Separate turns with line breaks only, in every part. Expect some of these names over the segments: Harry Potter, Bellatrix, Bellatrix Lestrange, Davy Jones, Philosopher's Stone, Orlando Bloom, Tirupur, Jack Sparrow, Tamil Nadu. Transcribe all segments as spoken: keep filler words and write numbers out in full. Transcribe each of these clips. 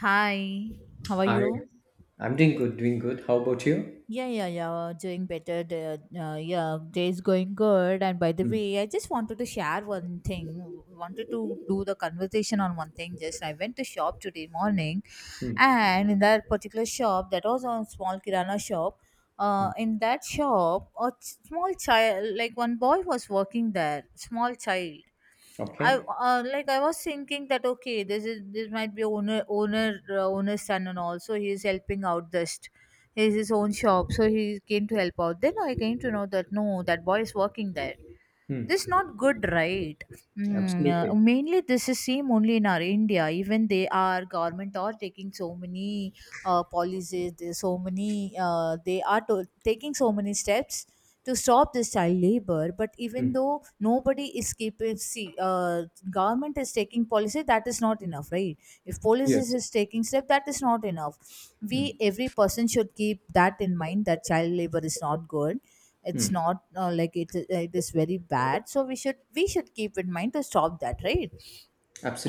Hi, how are
Hi,
you?
I'm doing good, doing good. How about you?
Yeah, yeah, yeah. Doing better. The- Uh, yeah, day's going good. And by the
Hmm.
way, I just wanted to share one thing. Wanted to do the conversation on one thing. Just I went to shop today morning,
Hmm.
and in that particular shop, that was a small kirana shop. Uh,
Mm.
in that shop, a ch- small child, like one boy, was working there. Small child. I
Okay.
uh, like I was thinking that okay, this is this might be owner owner uh, owner's son and also he is helping out this. He has his own shop, so he came to help out. Then I came to know that no, that boy is working there.
Hmm.
This not good, right? Mm, uh,
Absolutely.
mainly this is same only in our india, even they are government are taking so many uh, policies, there's so many uh, they are to- taking so many steps to stop this child labor, but even
Hmm.
though nobody is keeping. See uh, Government is taking policy, that is not enough, right? If police is
Yes.
is taking step, that is not enough. We,
Hmm.
every person should keep that in mind that child labor is not good. It's
Hmm.
not uh, like it, it is very bad, so we should we should keep in mind to stop that, right?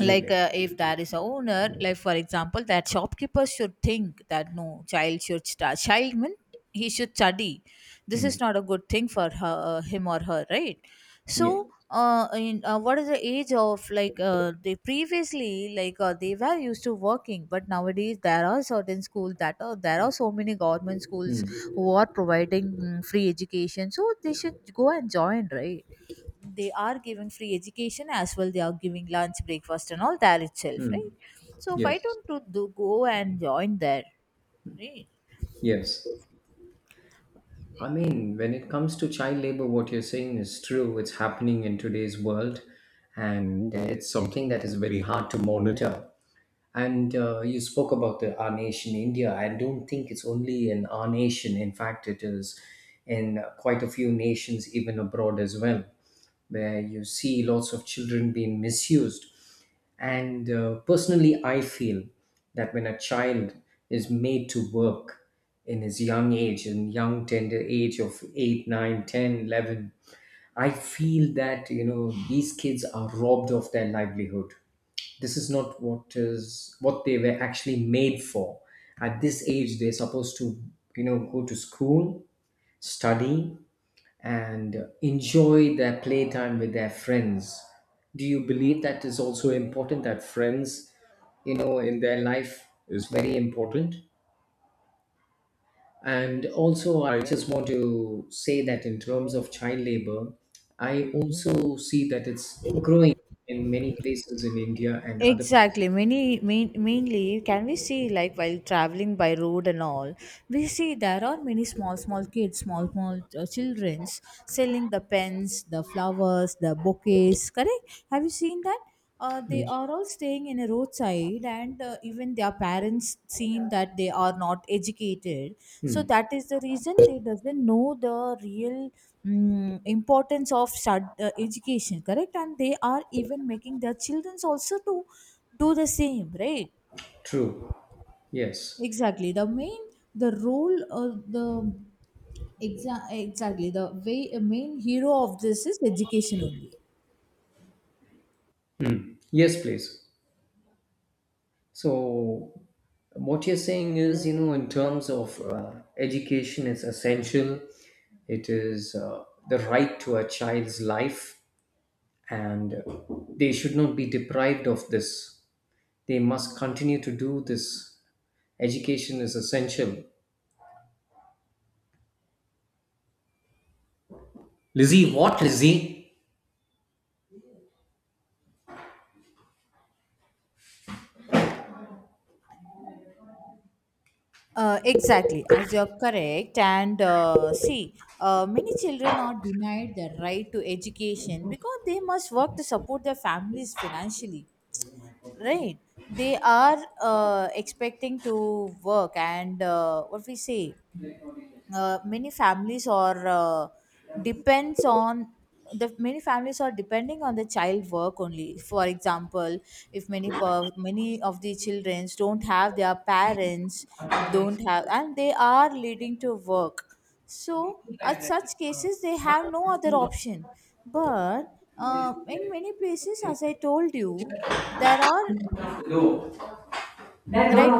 Like uh, if there is a owner, like for example, that shopkeeper should think that no child should start child, mean he should study. This
Hmm.
is not a good thing for her, uh, him or her, right?
Yeah.
So uh, in, uh, what is the age of, like uh, they previously, like uh, they were used to working, but nowadays there are certain schools that are, there are so many government schools
Hmm.
who are providing mm, free education, so they should go and join, right? They are giving free education as well, they are giving lunch, breakfast, and all there itself, right?
Hmm.
So why
Yes.
don't you do go and join there, right?
Yes. I mean, when it comes to child labor, what you're saying is true. It's happening in today's world, and it's something that is very hard to monitor. And uh, you spoke about the, our nation, India. I don't think it's only in our nation. In fact, it is in quite a few nations, even abroad as well, where you see lots of children being misused. And uh, personally, I feel that when a child is made to work in his young age, in young tender age of eight, nine, ten, eleven, I feel that, you know, these kids are robbed of their livelihood. This is not what is what they were actually made for. At this age, they're supposed to, you know, go to school, study, and enjoy their playtime with their friends. Do you believe that is also important that friends, you know, in their life is very important? And also, I just want to say that in terms of child labor, I also see that it's growing in many places in India and other places.
Exactly. Many main, mainly can we see, like while traveling by road and all, we see there are many small small kids, small small uh, childrens selling the pens, the flowers, the bouquets. Correct? Have you seen that? Uh, they
Mm.
are all staying in a roadside, and uh, even their parents seen that they are not educated. So
Mm.
that is the reason they doesn't know the real mm, importance of stud- uh, education, correct? And they are even making their children also to do the same, right?
True. Yes.
Exactly, the main, the role, uh, the exa- exactly the way, a main hero of this is education only.
Mm. Yes, please. So, what you're saying is, you know, in terms of uh, education, it's essential. It is uh, the right to a child's life, and they should not be deprived of this. They must continue to do this. Education is essential. Lizzie, what, Lizzie?
Uh, exactly, as you're correct, and uh, see, uh, many children are denied the right to education because they must work to support their families financially, right? They are uh, expecting to work and uh, what we say, uh, many families are uh, depends on the many families are depending on the child work only. For example, if many per, many of the children don't have their parents, don't have, and they are leading to work, so at such cases they have no other option. But uh, in many places, as I told you, there are, right?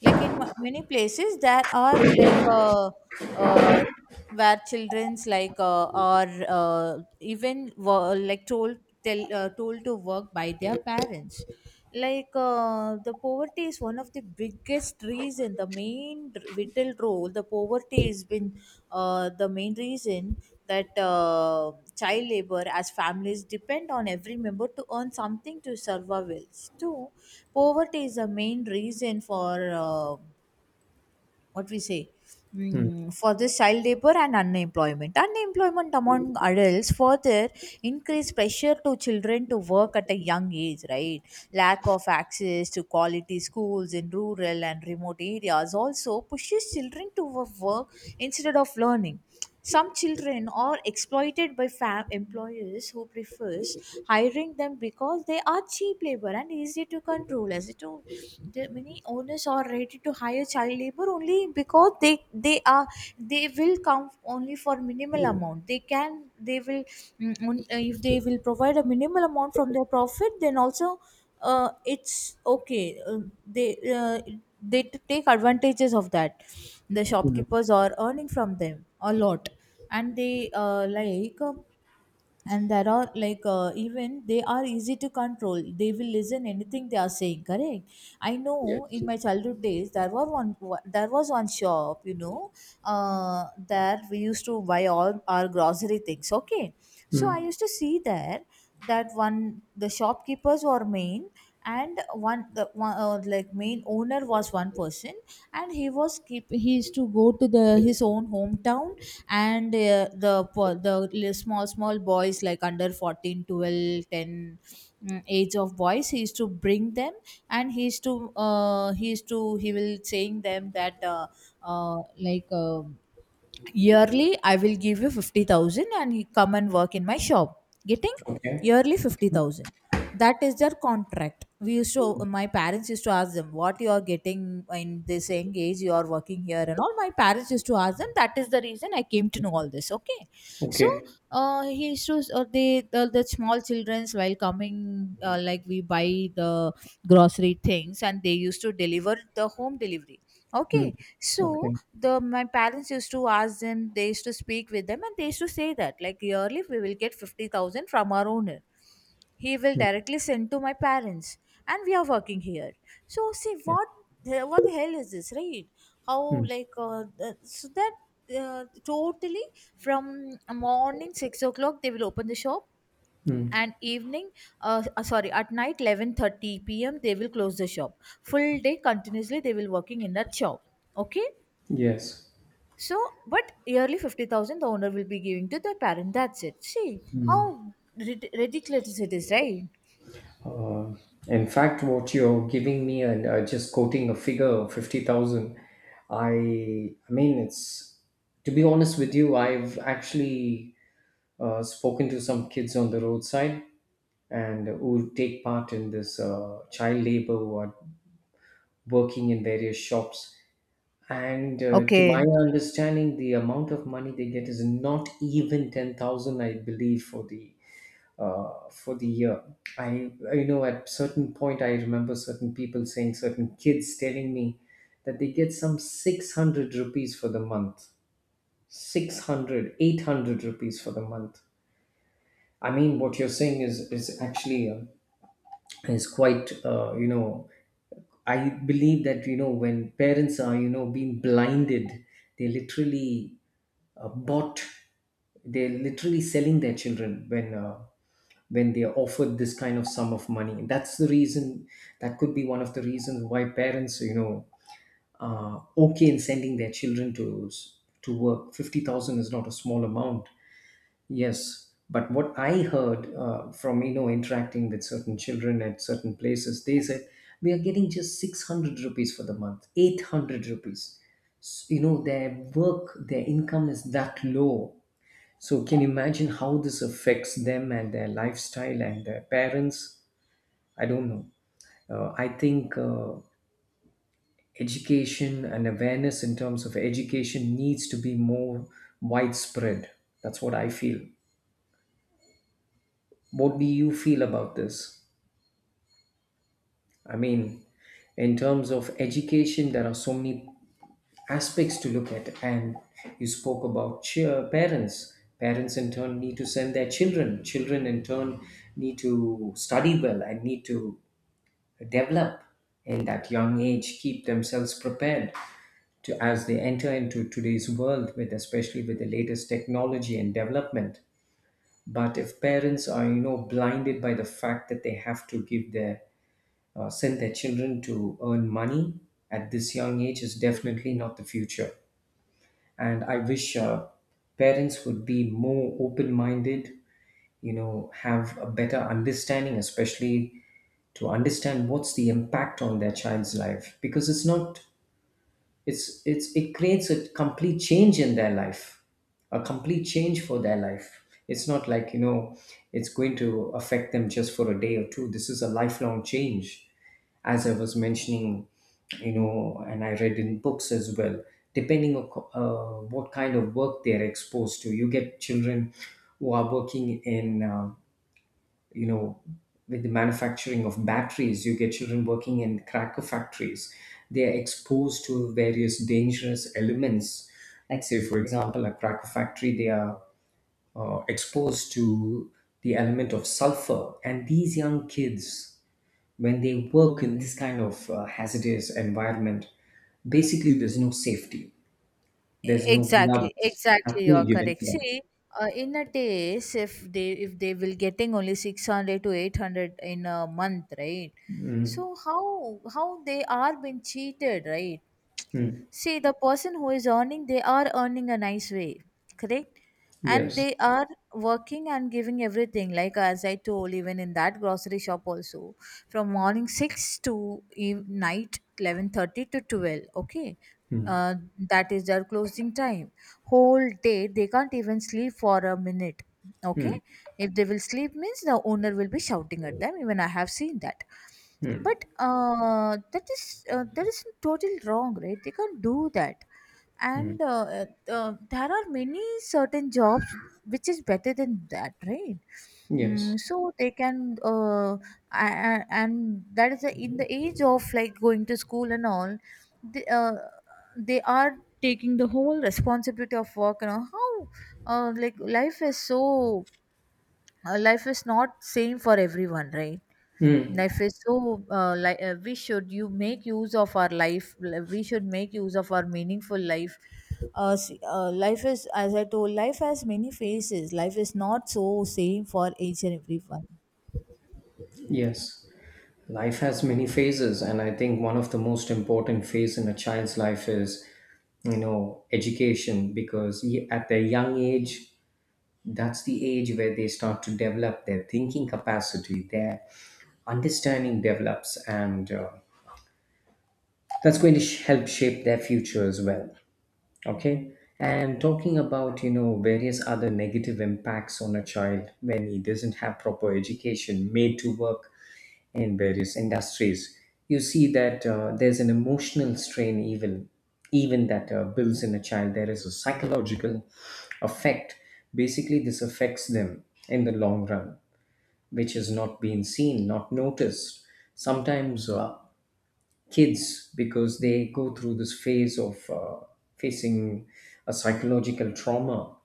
Like in ma- many places there are, like uh, uh, where children's, like uh, are uh, even wo- like told tell, uh, told to work by their parents. Like uh, the poverty is one of the biggest reason, the main r- vital role the poverty has been uh, the main reason, that uh, child labor, as families depend on every member to earn something to survive well too. Poverty is the main reason for uh, what we say,
Hmm.
mm, for this child labor and unemployment. Unemployment among adults further increase pressure to children to work at a young age, right? Lack of access to quality schools in rural and remote areas also pushes children to wo- work instead of learning. Some children are exploited by fam employers who prefers hiring them because they are cheap labor and easy to control, as it all, the many owners are ready to hire child labor only because they they are, they will come only for minimal amount, they can they will mm, on- uh, if they will provide a minimal amount from their profit, then also uh, it's okay. Uh, they uh, they t- take advantages of that. The
Hmm.
shopkeepers are earning from them a lot, and they uh, like. Uh, and there are, like uh, even they are easy to control, they will listen anything they are saying, correct? I know
Yes.
in my childhood days there were one there was one shop, you know, uh, there we used to buy all our grocery things, okay? So I
Mm.
used to see there that one the shopkeepers were main, and one the one uh, like main owner was one person, and he was keep he used to go to the his own hometown, and uh, the po- the li- small small boys like under fourteen, twelve, ten, mm, age of boys he used to bring them, and he used to uh, he used to he will saying them that, uh, uh, like um yearly I will give you fifty thousand and you come and work in my shop. Getting
Okay.
yearly fifty thousand, that is their contract. We used to My parents used to ask them, what you are getting, in this young age you are working here and all. My parents used to ask them, that is the reason I came to know all this, okay? So
Okay.
uh, he used to uh, they the, the small childrens, while coming, uh, like we buy the grocery things and they used to deliver the home delivery,
Mm.
okay? So
Okay.
the my parents used to ask them, they used to speak with them, and they used to say that, like yearly we will get fifty thousand from our owner, he will
Mm.
directly send to my parents, and we are working here. So see
Yeah.
what, the- what the hell is this, right? How,
Mm.
like uh, the- so that, uh, totally from morning six o'clock they will open the shop
Mm.
and evening, uh, uh, sorry, at night eleven thirty p m they will close the shop, full day continuously they will working in that shop, okay?
Yes.
So, but yearly fifty thousand the owner will be giving to the parent. That's it. See how rid- ridiculous it is, right?
Uh, in fact, what you're giving me and uh, just quoting a figure of fifty thousand, I, I mean, it's to be honest with you, I've actually uh, spoken to some kids on the roadside and who take part in this uh, child labor who are working in various shops. And uh, to
Okay.
my understanding, the amount of money they get is not even ten thousand, I believe, for the uh, for the year. I, you know, at certain point, I remember certain people saying, certain kids telling me that they get some six hundred rupees for the month, six hundred, eight hundred rupees for the month. I mean, what you're saying is, is actually uh, is quite uh, you know, I believe that, you know, when parents are, you know, being blinded, they literally uh, bought, they're literally selling their children when uh, when they are offered this kind of sum of money, and that's the reason, that could be one of the reasons why parents, you know, are okay in sending their children to to work. fifty thousand is not a small amount. Yes, but what I heard uh, from, you know, interacting with certain children at certain places, they said we are getting just six hundred rupees for the month, eight hundred rupees. S- you know, their work, their income is that low. So can you imagine how this affects them and their lifestyle and their parents? I don't know. Uh, I think uh, education and awareness in terms of education needs to be more widespread. That's what I feel. What do you feel about this? I mean, in terms of education, there are so many aspects to look at, and you spoke about cheer, parents. Parents in turn need to send their children. Children in turn need to study well and need to develop in that young age, keep themselves prepared to as they enter into today's world with, especially with the latest technology and development. But if parents are, you know, blinded by the fact that they have to give their uh, send their children to earn money at this young age, is definitely not the future. And I wish uh, parents would be more open minded, you know, have a better understanding, especially to understand what's the impact on their child's life, because it's not, it's it's it creates a complete change in their life, a complete change for their life. It's not like, you know, it's going to affect them just for a day or two. This is a lifelong change. As I was mentioning, you know, and I read in books as well, depending on co- uh, what kind of work they're exposed to, you get children who are working in, uh, you know, with the manufacturing of batteries. You get children working in cracker factories. They are exposed to various dangerous elements. Like, say for example, a cracker factory, they are uh, exposed to the element of sulfur, and these young kids, when they work in this kind of uh, hazardous environment, basically there's no safety, there's no
Exactly,
gloves,
exactly. You are
nothing given
correct.
to them.
See, uh, in a days, if they if they will getting only six hundred to eight hundred in a month, right? So how how they are being cheated, right? See, the person who is earning, they are earning a nice way, correct? And
Yes.
they are working and giving everything. Like as I told, even in that grocery shop also, from morning six to eve- night eleven thirty to twelve. Okay, uh, that is their closing time. Whole day they can't even sleep for a minute. Okay, if they will sleep means, the owner will be shouting at them. Even I have seen that. But uh, that is uh, that is totally wrong, right? They can't do that. And uh, uh, uh, there are many certain jobs which is better than that, right?
Yes.
Mm, so they can, uh, a- a- and that is the, in the age of like going to school and all, they, uh, they are taking the whole responsibility of work and all. How, uh, like life is so, uh, life is not same for everyone, right? Life is so, uh, like uh, we should you make use of our life, we should make use of our meaningful life. Uh, s- uh, life is, as I told, life has many faces, life is not so same for each and everyone.
Yes. Life has many phases, and I think one of the most important phase in a child's life is, you know, education, because y- at their young age, that's the age where they start to develop their thinking capacity, their understanding develops, and uh, that's going to sh- help shape their future as well. Okay. And talking about, you know, various other negative impacts on a child when he doesn't have proper education, made to work in various industries, you see that uh, there's an emotional strain, even even that uh, builds in a child. There is a psychological effect. Basically, this affects them in the long run, which has not been seen, not noticed. Sometimes uh, kids, because they go through this phase of uh, facing a psychological trauma,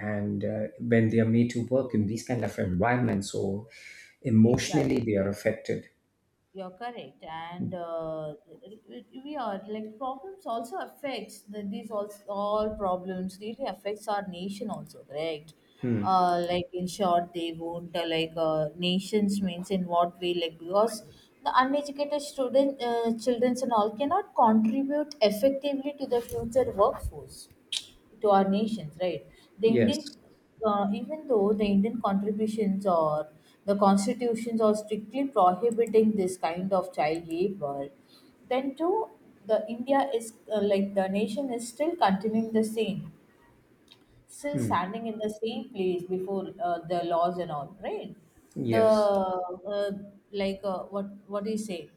and uh, when they are made to work in these kind of environments, so emotionally
Exactly.
they are affected.
You're correct, and uh, we are, like problems also affects the, these also all problems really affects our nation also, correct? Uh, like in short, they won't, uh, like uh, nations means, in what way? Like because the uneducated student, uh, children and all cannot contribute effectively to the future workforce, to our nations, right? The Indian,
Yes.
uh, even though the Indian contributions or the constitutions are strictly prohibiting this kind of child labor, then too the India is, uh, like the nation is still continuing the same, still
Mm.
standing in the same place before, uh, the laws and all, right? The,
Yes.
uh, like uh, what what do you say?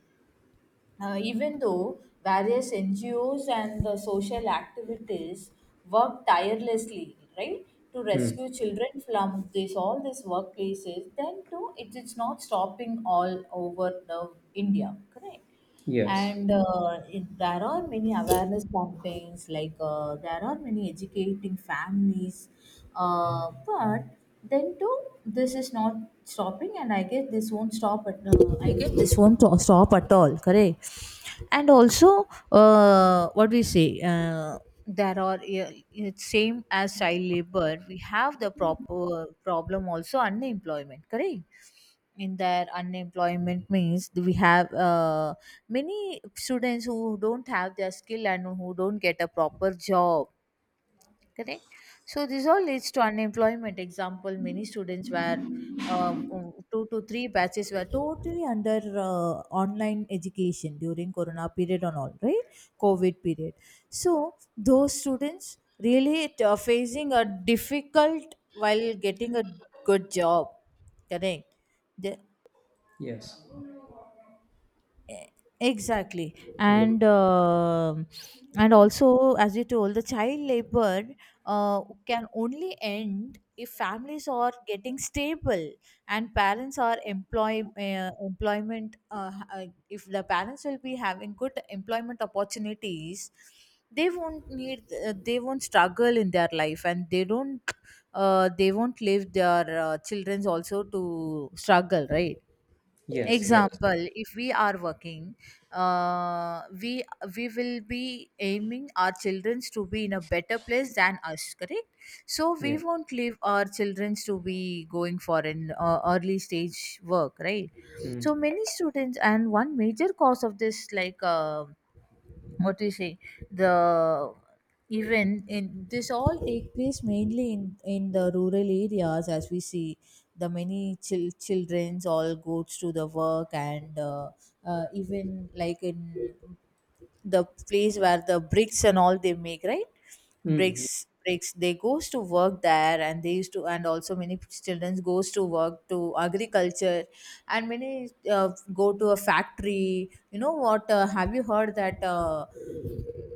Uh, even though various N G Os and the social activities work tirelessly, right, to
Mm.
rescue children from this, all these workplaces, then too it is not stopping all over the India, correct?
Yes.
And uh, it- there are many awareness campaigns, like uh, there are many educating families, uh, but then too this is not stopping. And I guess this won't stop at uh, I guess this won't to- stop at all, correct? And also, uh, what we say, uh, there are, yeah, it's same as child labor. We have the proper problem also, unemployment, correct? In their unemployment means we have uh, many students who don't have their skill and who don't get a proper job, correct. So this all leads to unemployment. Example, many students were uh, um, two to three batches were totally under uh, online education during corona period and all, right, covid period. So those students really t- are facing a difficult while getting a good job, correct. The
Yes.
Exactly.
Mm.
And um and also, as you told, the child labor uh, can only end if families are getting stable, and parents are employ uh, employment uh, ha- uh, if the parents will be having good employment opportunities, they won't need uh, they won't struggle in their life, and they don't uh, they won't leave their uh, children also to struggle, right.
Yes. Yes.
Example, if we are working, uh, we we will be aiming our children to be in a better place than us, correct. So we
Yes.
won't leave our children to be going for an uh, early stage work, right.
Mm.
So many students, and one major cause of this, like uh, what do you say the even in this, all take place mainly in in the rural areas, as we see. The many chil- children's all goes to the work, and uh, uh, even like in the place where the bricks and all they make, right. bricks
Mm.
bricks they goes to work there, and they used to, and also many children goes to work to agriculture. And many uh, go to a factory. You know what, uh, have you heard that? uh,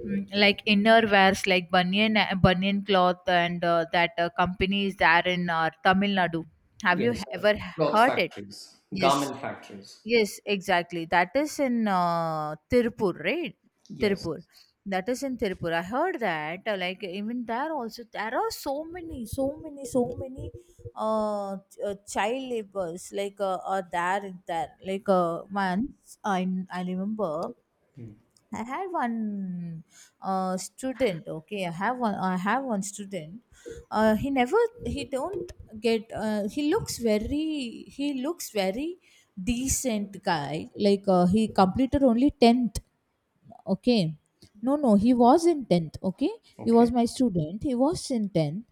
Mm, Like inner wears, like banyan banyan cloth, and uh, that uh, company is there in uh, Tamil Nadu. Have you
Yes. uh,
ever
cloth
heard it?
factories,
Yes,
garment factories.
yes, exactly. That is in uh, Tirupur, right?
Yes.
Tirupur. That is in Tirupur. I heard that. uh, Like even there also, there are so many, so many, so many uh, ch- uh child laborers like uh, are there in there. Like uh, once I I remember,
Mm.
I had one uh, student. Okay, I have one. I have one student. Uh, he never. He don't get. Uh, he looks very. He looks very decent guy. Like uh, he completed only tenth. Okay. No, no, he was in tenth. Okay. He was
Okay.
my student. He was in tenth.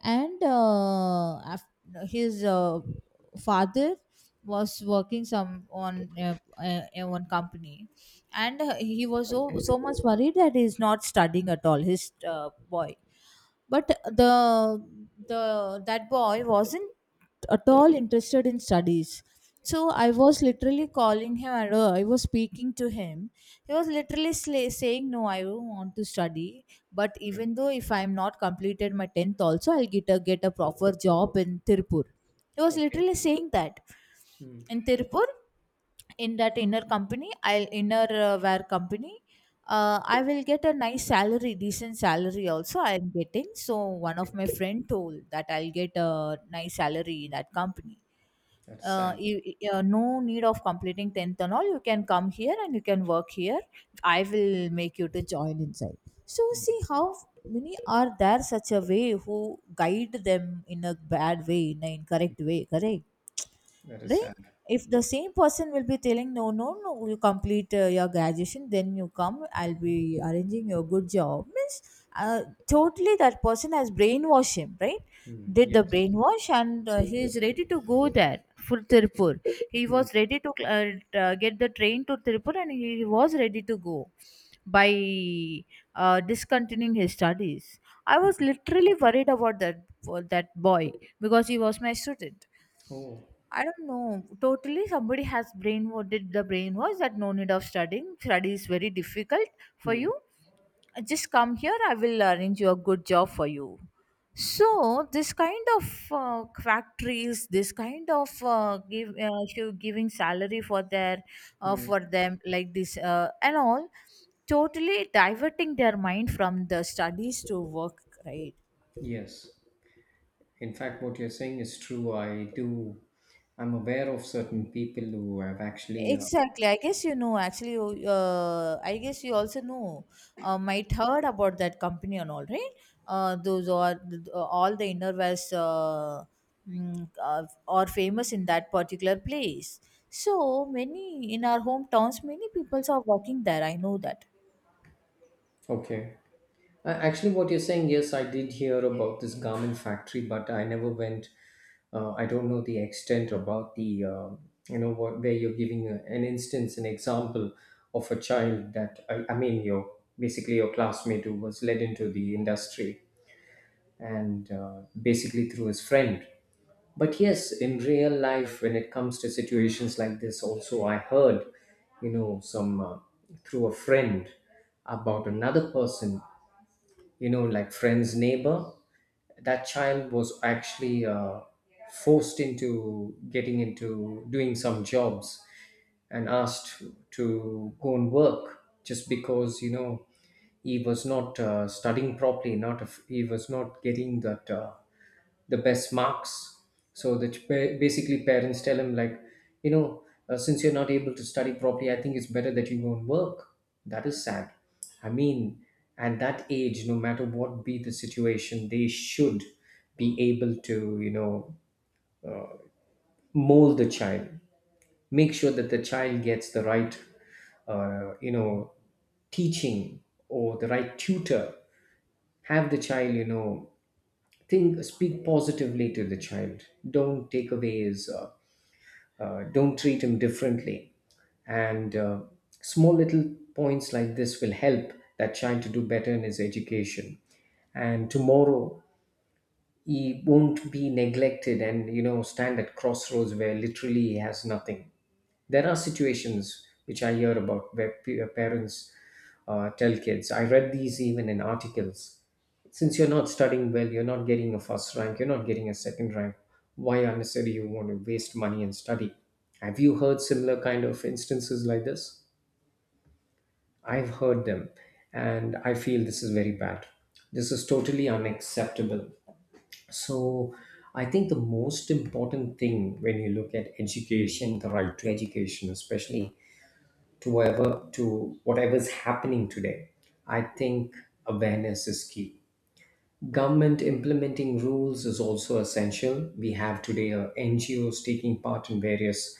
And uh, af- his uh, father was working some on uh, uh, in one company, and uh, he was so
Okay.
so much worried that he's not studying at all, his uh, boy. But the the that boy wasn't at all interested in studies. So I was literally calling him, and uh, I was speaking to him. He was literally sla- saying, no, I don't want to study, but
Okay.
even though if I'm not completed my tenth also, I'll get a get a proper job in Tirpur. He was
Okay.
literally saying that.
Mm.
In Tirpur, in that inner company, I'll inner uh, wear company, uh, I will get a nice salary, decent salary also. I'm getting. So one of
Okay.
my friend told that I'll get a nice salary in that company.
That's
Uh,
sad.
you, you- uh, no need of completing tenth and all. You can come here, and you can work here. I will make you to join inside. So see
Mm.
how many are there such a way who guide them in a bad way, in an incorrect way, correct?
That is
Right.
sad.
If the same person will be telling, no, no, no, you complete uh, your graduation, then you come, I'll be arranging your good job means, uh, totally that person has brainwashed him, right.
Mm,
Did the
yes.
brainwash, and uh, he is ready to go there, full Tirupur. He
Mm.
was ready to uh, uh, get the train to Tirupur, and he was ready to go by uh, discontinuing his studies. I was literally worried about that, for that boy, because he was my student.
Oh.
I don't know. Totally, somebody has brain what did the brain was that, no need of studying. Study is very difficult for
Mm.
you. Just come here. I will arrange you a good job for you. So this kind of uh, factories, this kind of uh, give uh, show- giving salary for their uh,
Mm,
for them like this, uh, and all, totally diverting their mind from the studies to work. Right.
yes. In fact, what you're saying is true. I do. I'm aware of certain people who have actually. Uh,
Exactly. I guess you know, actually, you- uh, I guess you also know, uh, might heard about that company and all, right? Uh, those are uh, all the innerwears, uh, mm, uh, are famous in that particular place. So many in our hometowns, many peoples are working there. I know that.
okay. Uh, actually, what you're saying, yes, I did hear about this garment factory, but I never went. Uh, I don't know the extent about the. Uh, you know what? Where you're giving a, an instance, an example of a child that I, I mean, your basically your classmate who was led into the industry, and uh, basically through his friend. But yes, in real life, when it comes to situations like this also, I heard, you know, some, uh, through a friend, about another person, you know, like friend's neighbor, that child was actually uh, forced into getting into doing some jobs and asked to go and work just because, you know, he was not uh, studying properly, not if he was not getting that uh, the best marks. So the ch- pa- basically parents tell him like, you know, uh, since you're not able to study properly, I think it's better that you go and work. That is sad. I mean, at that age, no matter what be the situation, they should be able to, you know, mold the child, make sure that the child gets the right, uh, you know, teaching or the right tutor, have the child, you know, think, speak positively to the child, don't take away his uh, uh, don't treat him differently. And uh, small little points like this will help that child to do better in his education, and tomorrow he won't be neglected and, you know, stand at crossroads where literally he has nothing. There are situations which I hear about where p- uh, parents uh, tell kids, I read these even in articles, since you're not studying well, you're not getting a first rank, you're not getting a second rank, why unnecessary you want to waste money and study? Have you heard similar kind of instances like this? I've heard them, and I feel this is very bad. This is totally unacceptable. So I think the most important thing when you look at education, the right to education, especially to whatever, to whatever's happening today, I think awareness is key. Government implementing rules is also essential. We have today uh, N G Os taking part in various,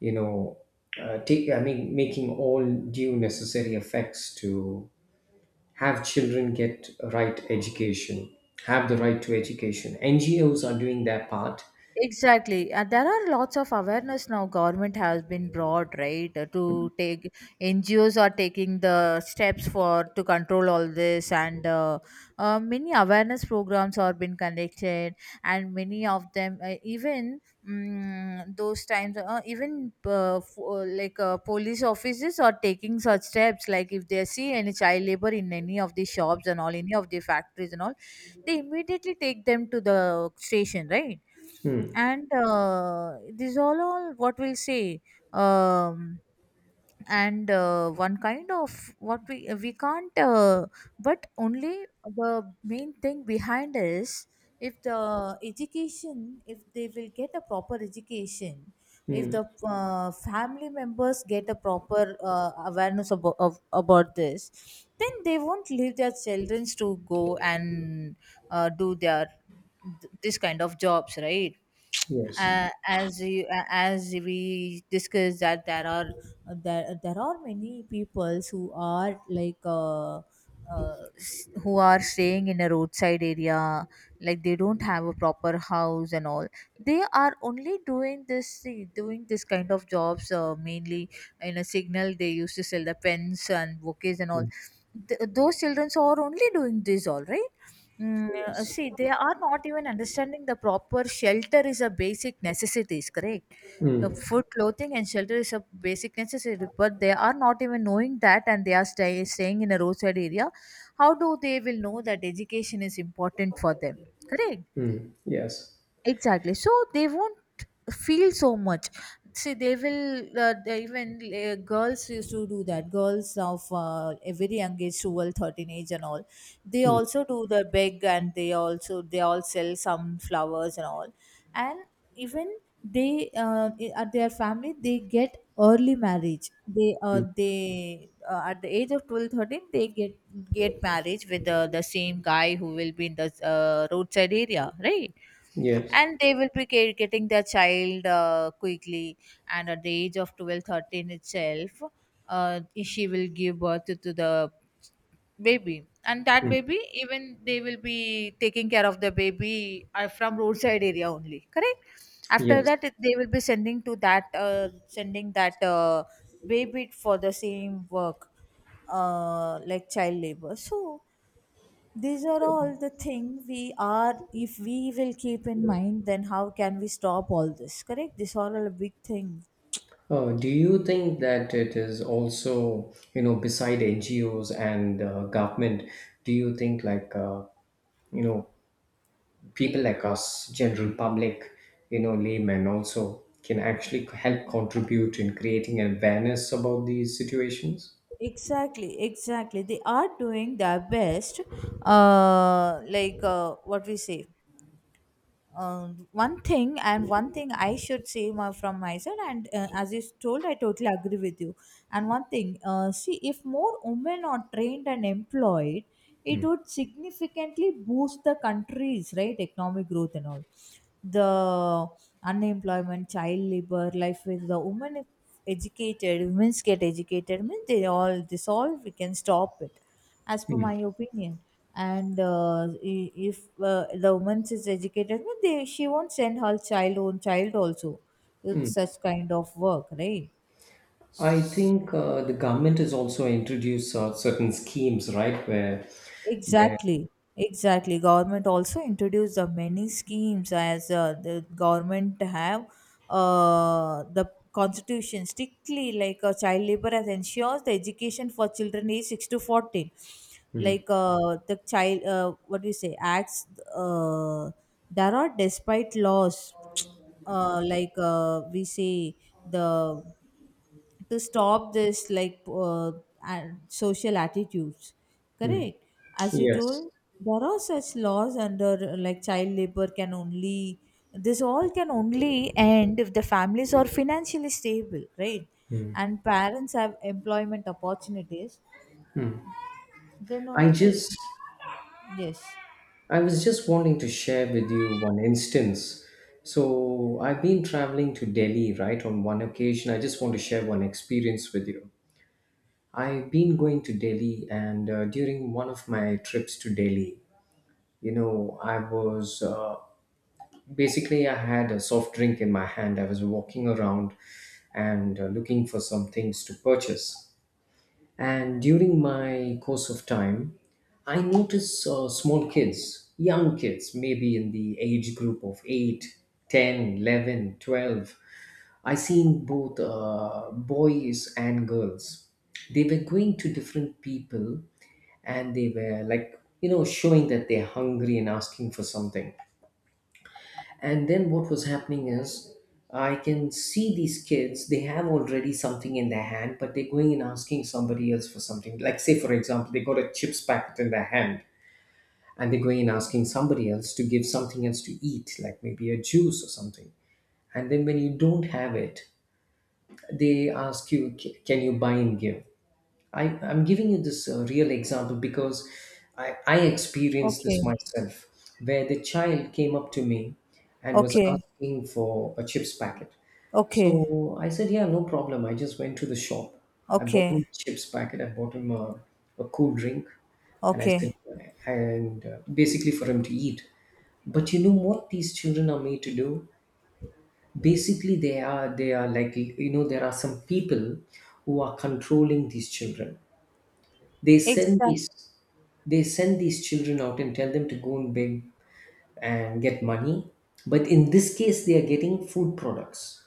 you know, uh, take, I mean, making all due necessary effects to have children get right education, have the right to education. N G Os are doing their part.
Exactly. Uh, there are lots of awareness now, government has been brought, right, uh, to take. N G Os are taking the steps for to control all this, and uh, uh, many awareness programs are been conducted, and many of them uh, even, mm, those times uh, even uh, f- uh, like uh, police officers are taking such steps, like if they see any child labor in any of the shops and all, any of the factories and all, they immediately take them to the station, right?
Mm.
And uh, these all all what we'll say, um, and uh, one kind of what we we can't, uh, but only the main thing behind is, if the education, if they will get a proper education, if
Mm,
the uh, family members get a proper uh, awareness about, of, about this, then they won't leave their children to go and uh, do their th- this kind of jobs, right.
yes.
Uh, as you, uh, as we discussed, that there are, uh, there, there are many peoples who are like uh, uh, s- who are staying in a roadside area, like they don't have a proper house and all. They are only doing this doing this kind of jobs, uh, mainly in a signal they used to sell the pens and bouquets and all.
Mm,
Th- those children are only doing this, all right. Mm, uh,
yes.
See, they are not even understanding, the proper shelter is a basic necessities, correct? The
Mm.
food, clothing, and shelter is a basic necessity, but they are not even knowing that, and they are stay, staying in a roadside area. How do they will know that education is important for them, correct?
Mm, yes.
Exactly. So they won't feel so much. See, they will. Uh, they even, uh, girls used to do that. Girls of uh, a very young age, twelve, thirteen age, and all. They
Mm.
also do the beg, and they also they all sell some flowers and all. And even they uh, i- at their family they get early marriage. They uh,
Mm,
they uh, At the age of twelve, thirteen they get get marriage with uh, the same guy who will be in the uh, roadside area, right?
yes.
And they will be care- getting their child uh, quickly, and at the age of twelve, thirteen itself, uh, she will give birth to the baby, and that
Mm,
baby, even they will be taking care of the baby uh, from roadside area only, correct. After
yes.
that it- they will be sending to that uh, sending that uh, baby for the same work, uh, like child labor. So these are all the thing we are, if we will keep in mind, then how can we stop all this, correct? These are all a big thing.
Uh, do you think that it is also, you know, beside N G Os and uh, government, do you think like, uh, you know, people like us, general public, you know, laymen also can actually help contribute in creating awareness about these situations?
Exactly, exactly, they are doing their best, uh like uh, what we say uh, one thing, and one thing I should say, my, from my side, and uh, as you told, I totally agree with you. And one thing, uh, see, if more women are trained and employed, it
Mm.
would significantly boost the country's right economic growth and all. The unemployment, child labor, life with the women, educated women's, get educated means they all dissolve, we can stop it, as per my opinion. And uh, i- if uh, the woman is educated means they, she won't send her child own child also with
Mm.
such kind of work, right.
I think uh, the government has also introduced uh, certain schemes, right? Where, where,
Exactly, exactly. Government also introduced the many schemes, as uh, the government have uh, the constitution strictly, like uh, child labor as ensures the education for children age six to fourteen,
Mm.
like uh, the child uh, what do you say, acts, uh, there are despite laws uh, like uh, we say, the to stop this, like uh, and social attitudes,
Mm.
correct. As you told,
Yes.
there are such laws under, uh, like child labor can only, this all can only end if the families are financially stable, right, and parents have employment opportunities, then
I
only the,
just,
yes.
I was just wanting to share with you one instance. So I've been traveling to Delhi, right? On one occasion, I just want to share one experience with you. I've been going to Delhi, and uh, during one of my trips to Delhi, you know, I was, uh, basically I had a soft drink in my hand, I was walking around, and uh, looking for some things to purchase. And during my course of time, I noticed uh, small kids, young kids, maybe in the age group of eight, ten, eleven, twelve. I seen both uh, boys and girls. They were going to different people, and they were like, you know, showing that they're hungry and asking for something. And then what was happening is, I can see these kids, they have already something in their hand, but they're going and asking somebody else for something. Like, say for example, they got a chips packet in their hand, and they're going and asking somebody else to give something else to eat, like maybe a juice or something. And then when you don't have it, they ask you, "C- Can you buy and give?" I, I'm giving you this uh, real example because I, I experienced this
Okay,
myself, where the child came up to me and was
okay,
asking for a chips packet.
okay,
So I said, yeah, no problem. I just went to the shop. I bought him
okay,
a chips packet. I bought him a, a cool drink. And I said,
okay,
and uh, basically for him to eat. But you know what these children are made to do? Basically, they are, they are, like, you know, there are some people who are controlling these children. They send
exactly,
these, they send these children out and tell them to go and beg and get money. But in this case, they are getting food products.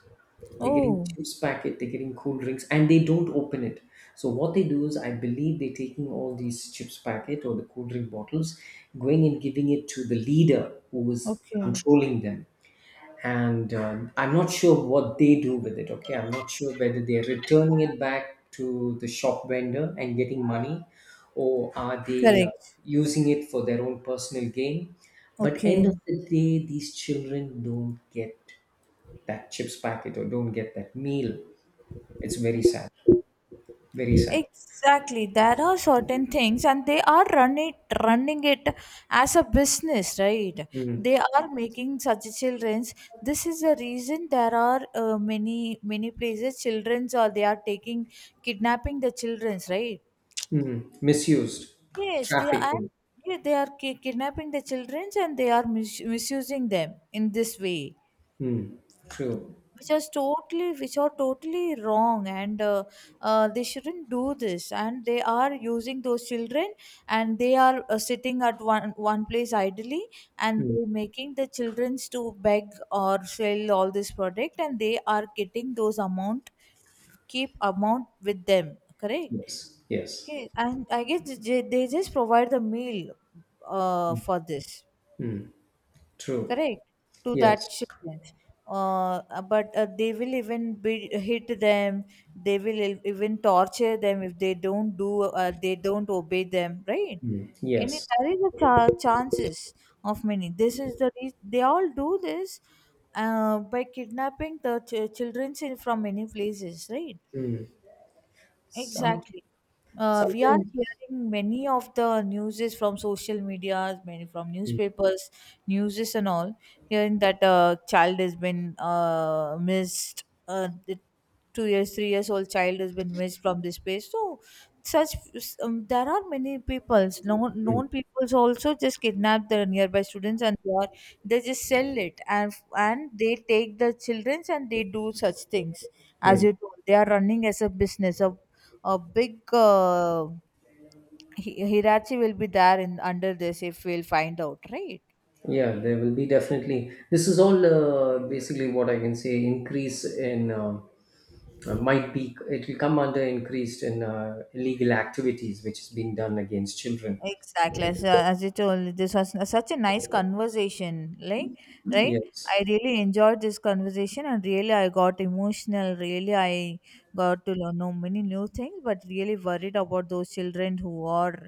They're getting
oh,
chips packet, they're getting cool drinks, and they don't open it. So what they do is, I believe they're taking all these chips packet or the cool drink bottles, going and giving it to the leader who is
okay,
controlling them. And um, I'm not sure what they do with it. Okay, I'm not sure whether they're returning it back to the shop vendor and getting money or are they uh,
correct.
using it for their own personal gain. But end
Okay,
of the day, these children don't get that chips packet or don't get that meal. It's very sad. Very sad.
exactly. There are certain things, and they are running running it as a business, right? They
Mm.
are making such childrens. This is the reason there are uh, many many places childrens, or they are taking kidnapping the childrens, right?
Mm. Misused.
Yes, they are.
Trafficking.
And, yeah, they are ki- kidnapping the childrens, and they are mis- misusing them in this way,
Mm. True.
which is totally which are totally wrong, and uh, uh, they shouldn't do this, and they are using those children, and they are uh, sitting at one one place idly, and
Mm.
they making the childrens to beg or sell all this product, and they are getting those amount, keep amount with them, correct.
Yes. Yes.
Okay, and I guess they, they just provide the meal uh, for this,
Mm. True.
correct, to
Yes.
that children. Uh, but uh, they will even be, hit them, they will e- even torture them if they don't do uh, they don't obey them, right.
Mm. Yes.
And it- there is a cha- chances of many. This is the reason they all do this, uh, by kidnapping the ch- children in, from many places, right.
Hmm. So
Exactly. Uh, we are
sometimes,
hearing many of the news is from social media, many from
mm,
newspapers, news is and all, hearing that a child has been uh, missed, uh, the two years, three years old child has been missed from this place. So such, um, there are many peoples, known
mm,
known peoples also just kidnap the nearby students, and they, are, they just sell it, and and they take the childrens and they do such things, as
mm.
you told, they are running as a business. A a big uh, hi- hierarchy will be there in under this, if we'll find out, right.
Yeah, there will be definitely. This is all uh, basically what I can say, increase in, uh, uh, might be it will come under increased in uh, illegal activities which is being done against children.
Exactly. So as you told, this was such a nice conversation. Like, right?
Yes.
I really enjoyed this conversation, and really, I got emotional. Really, I got to learn know many new things, but really worried about those children who are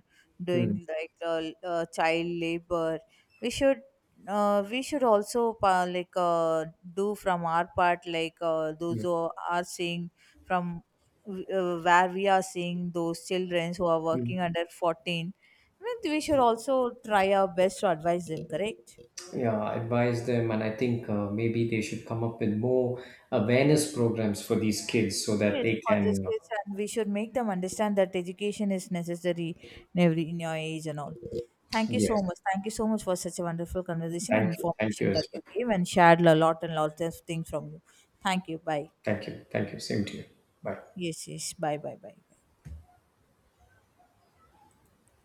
Mm.
doing like uh, uh, child labor. We should, uh, we should also, uh, like uh, do from our part, like uh, those
Mm.
who are seeing from uh, where we are seeing those children who are working
Mm.
under fourteen. I mean, we should also try our best to advise them, correct?
Yeah, advise them, and I think uh, maybe they should come up with more awareness programs for these kids so that
Yes.
they
For these
can. uh,
kids, and we should make them understand that education is necessary, in every in your age and all. Thank you so
Yes.
much. Thank you so much for such a wonderful conversation and
Thank you. Thank
information
you
that
as
you
well.
gave, and shared a lot and lots of things from you. Thank you. Bye.
Thank you. Thank you. Same to you. Bye.
Yes, yes. Bye, bye, bye.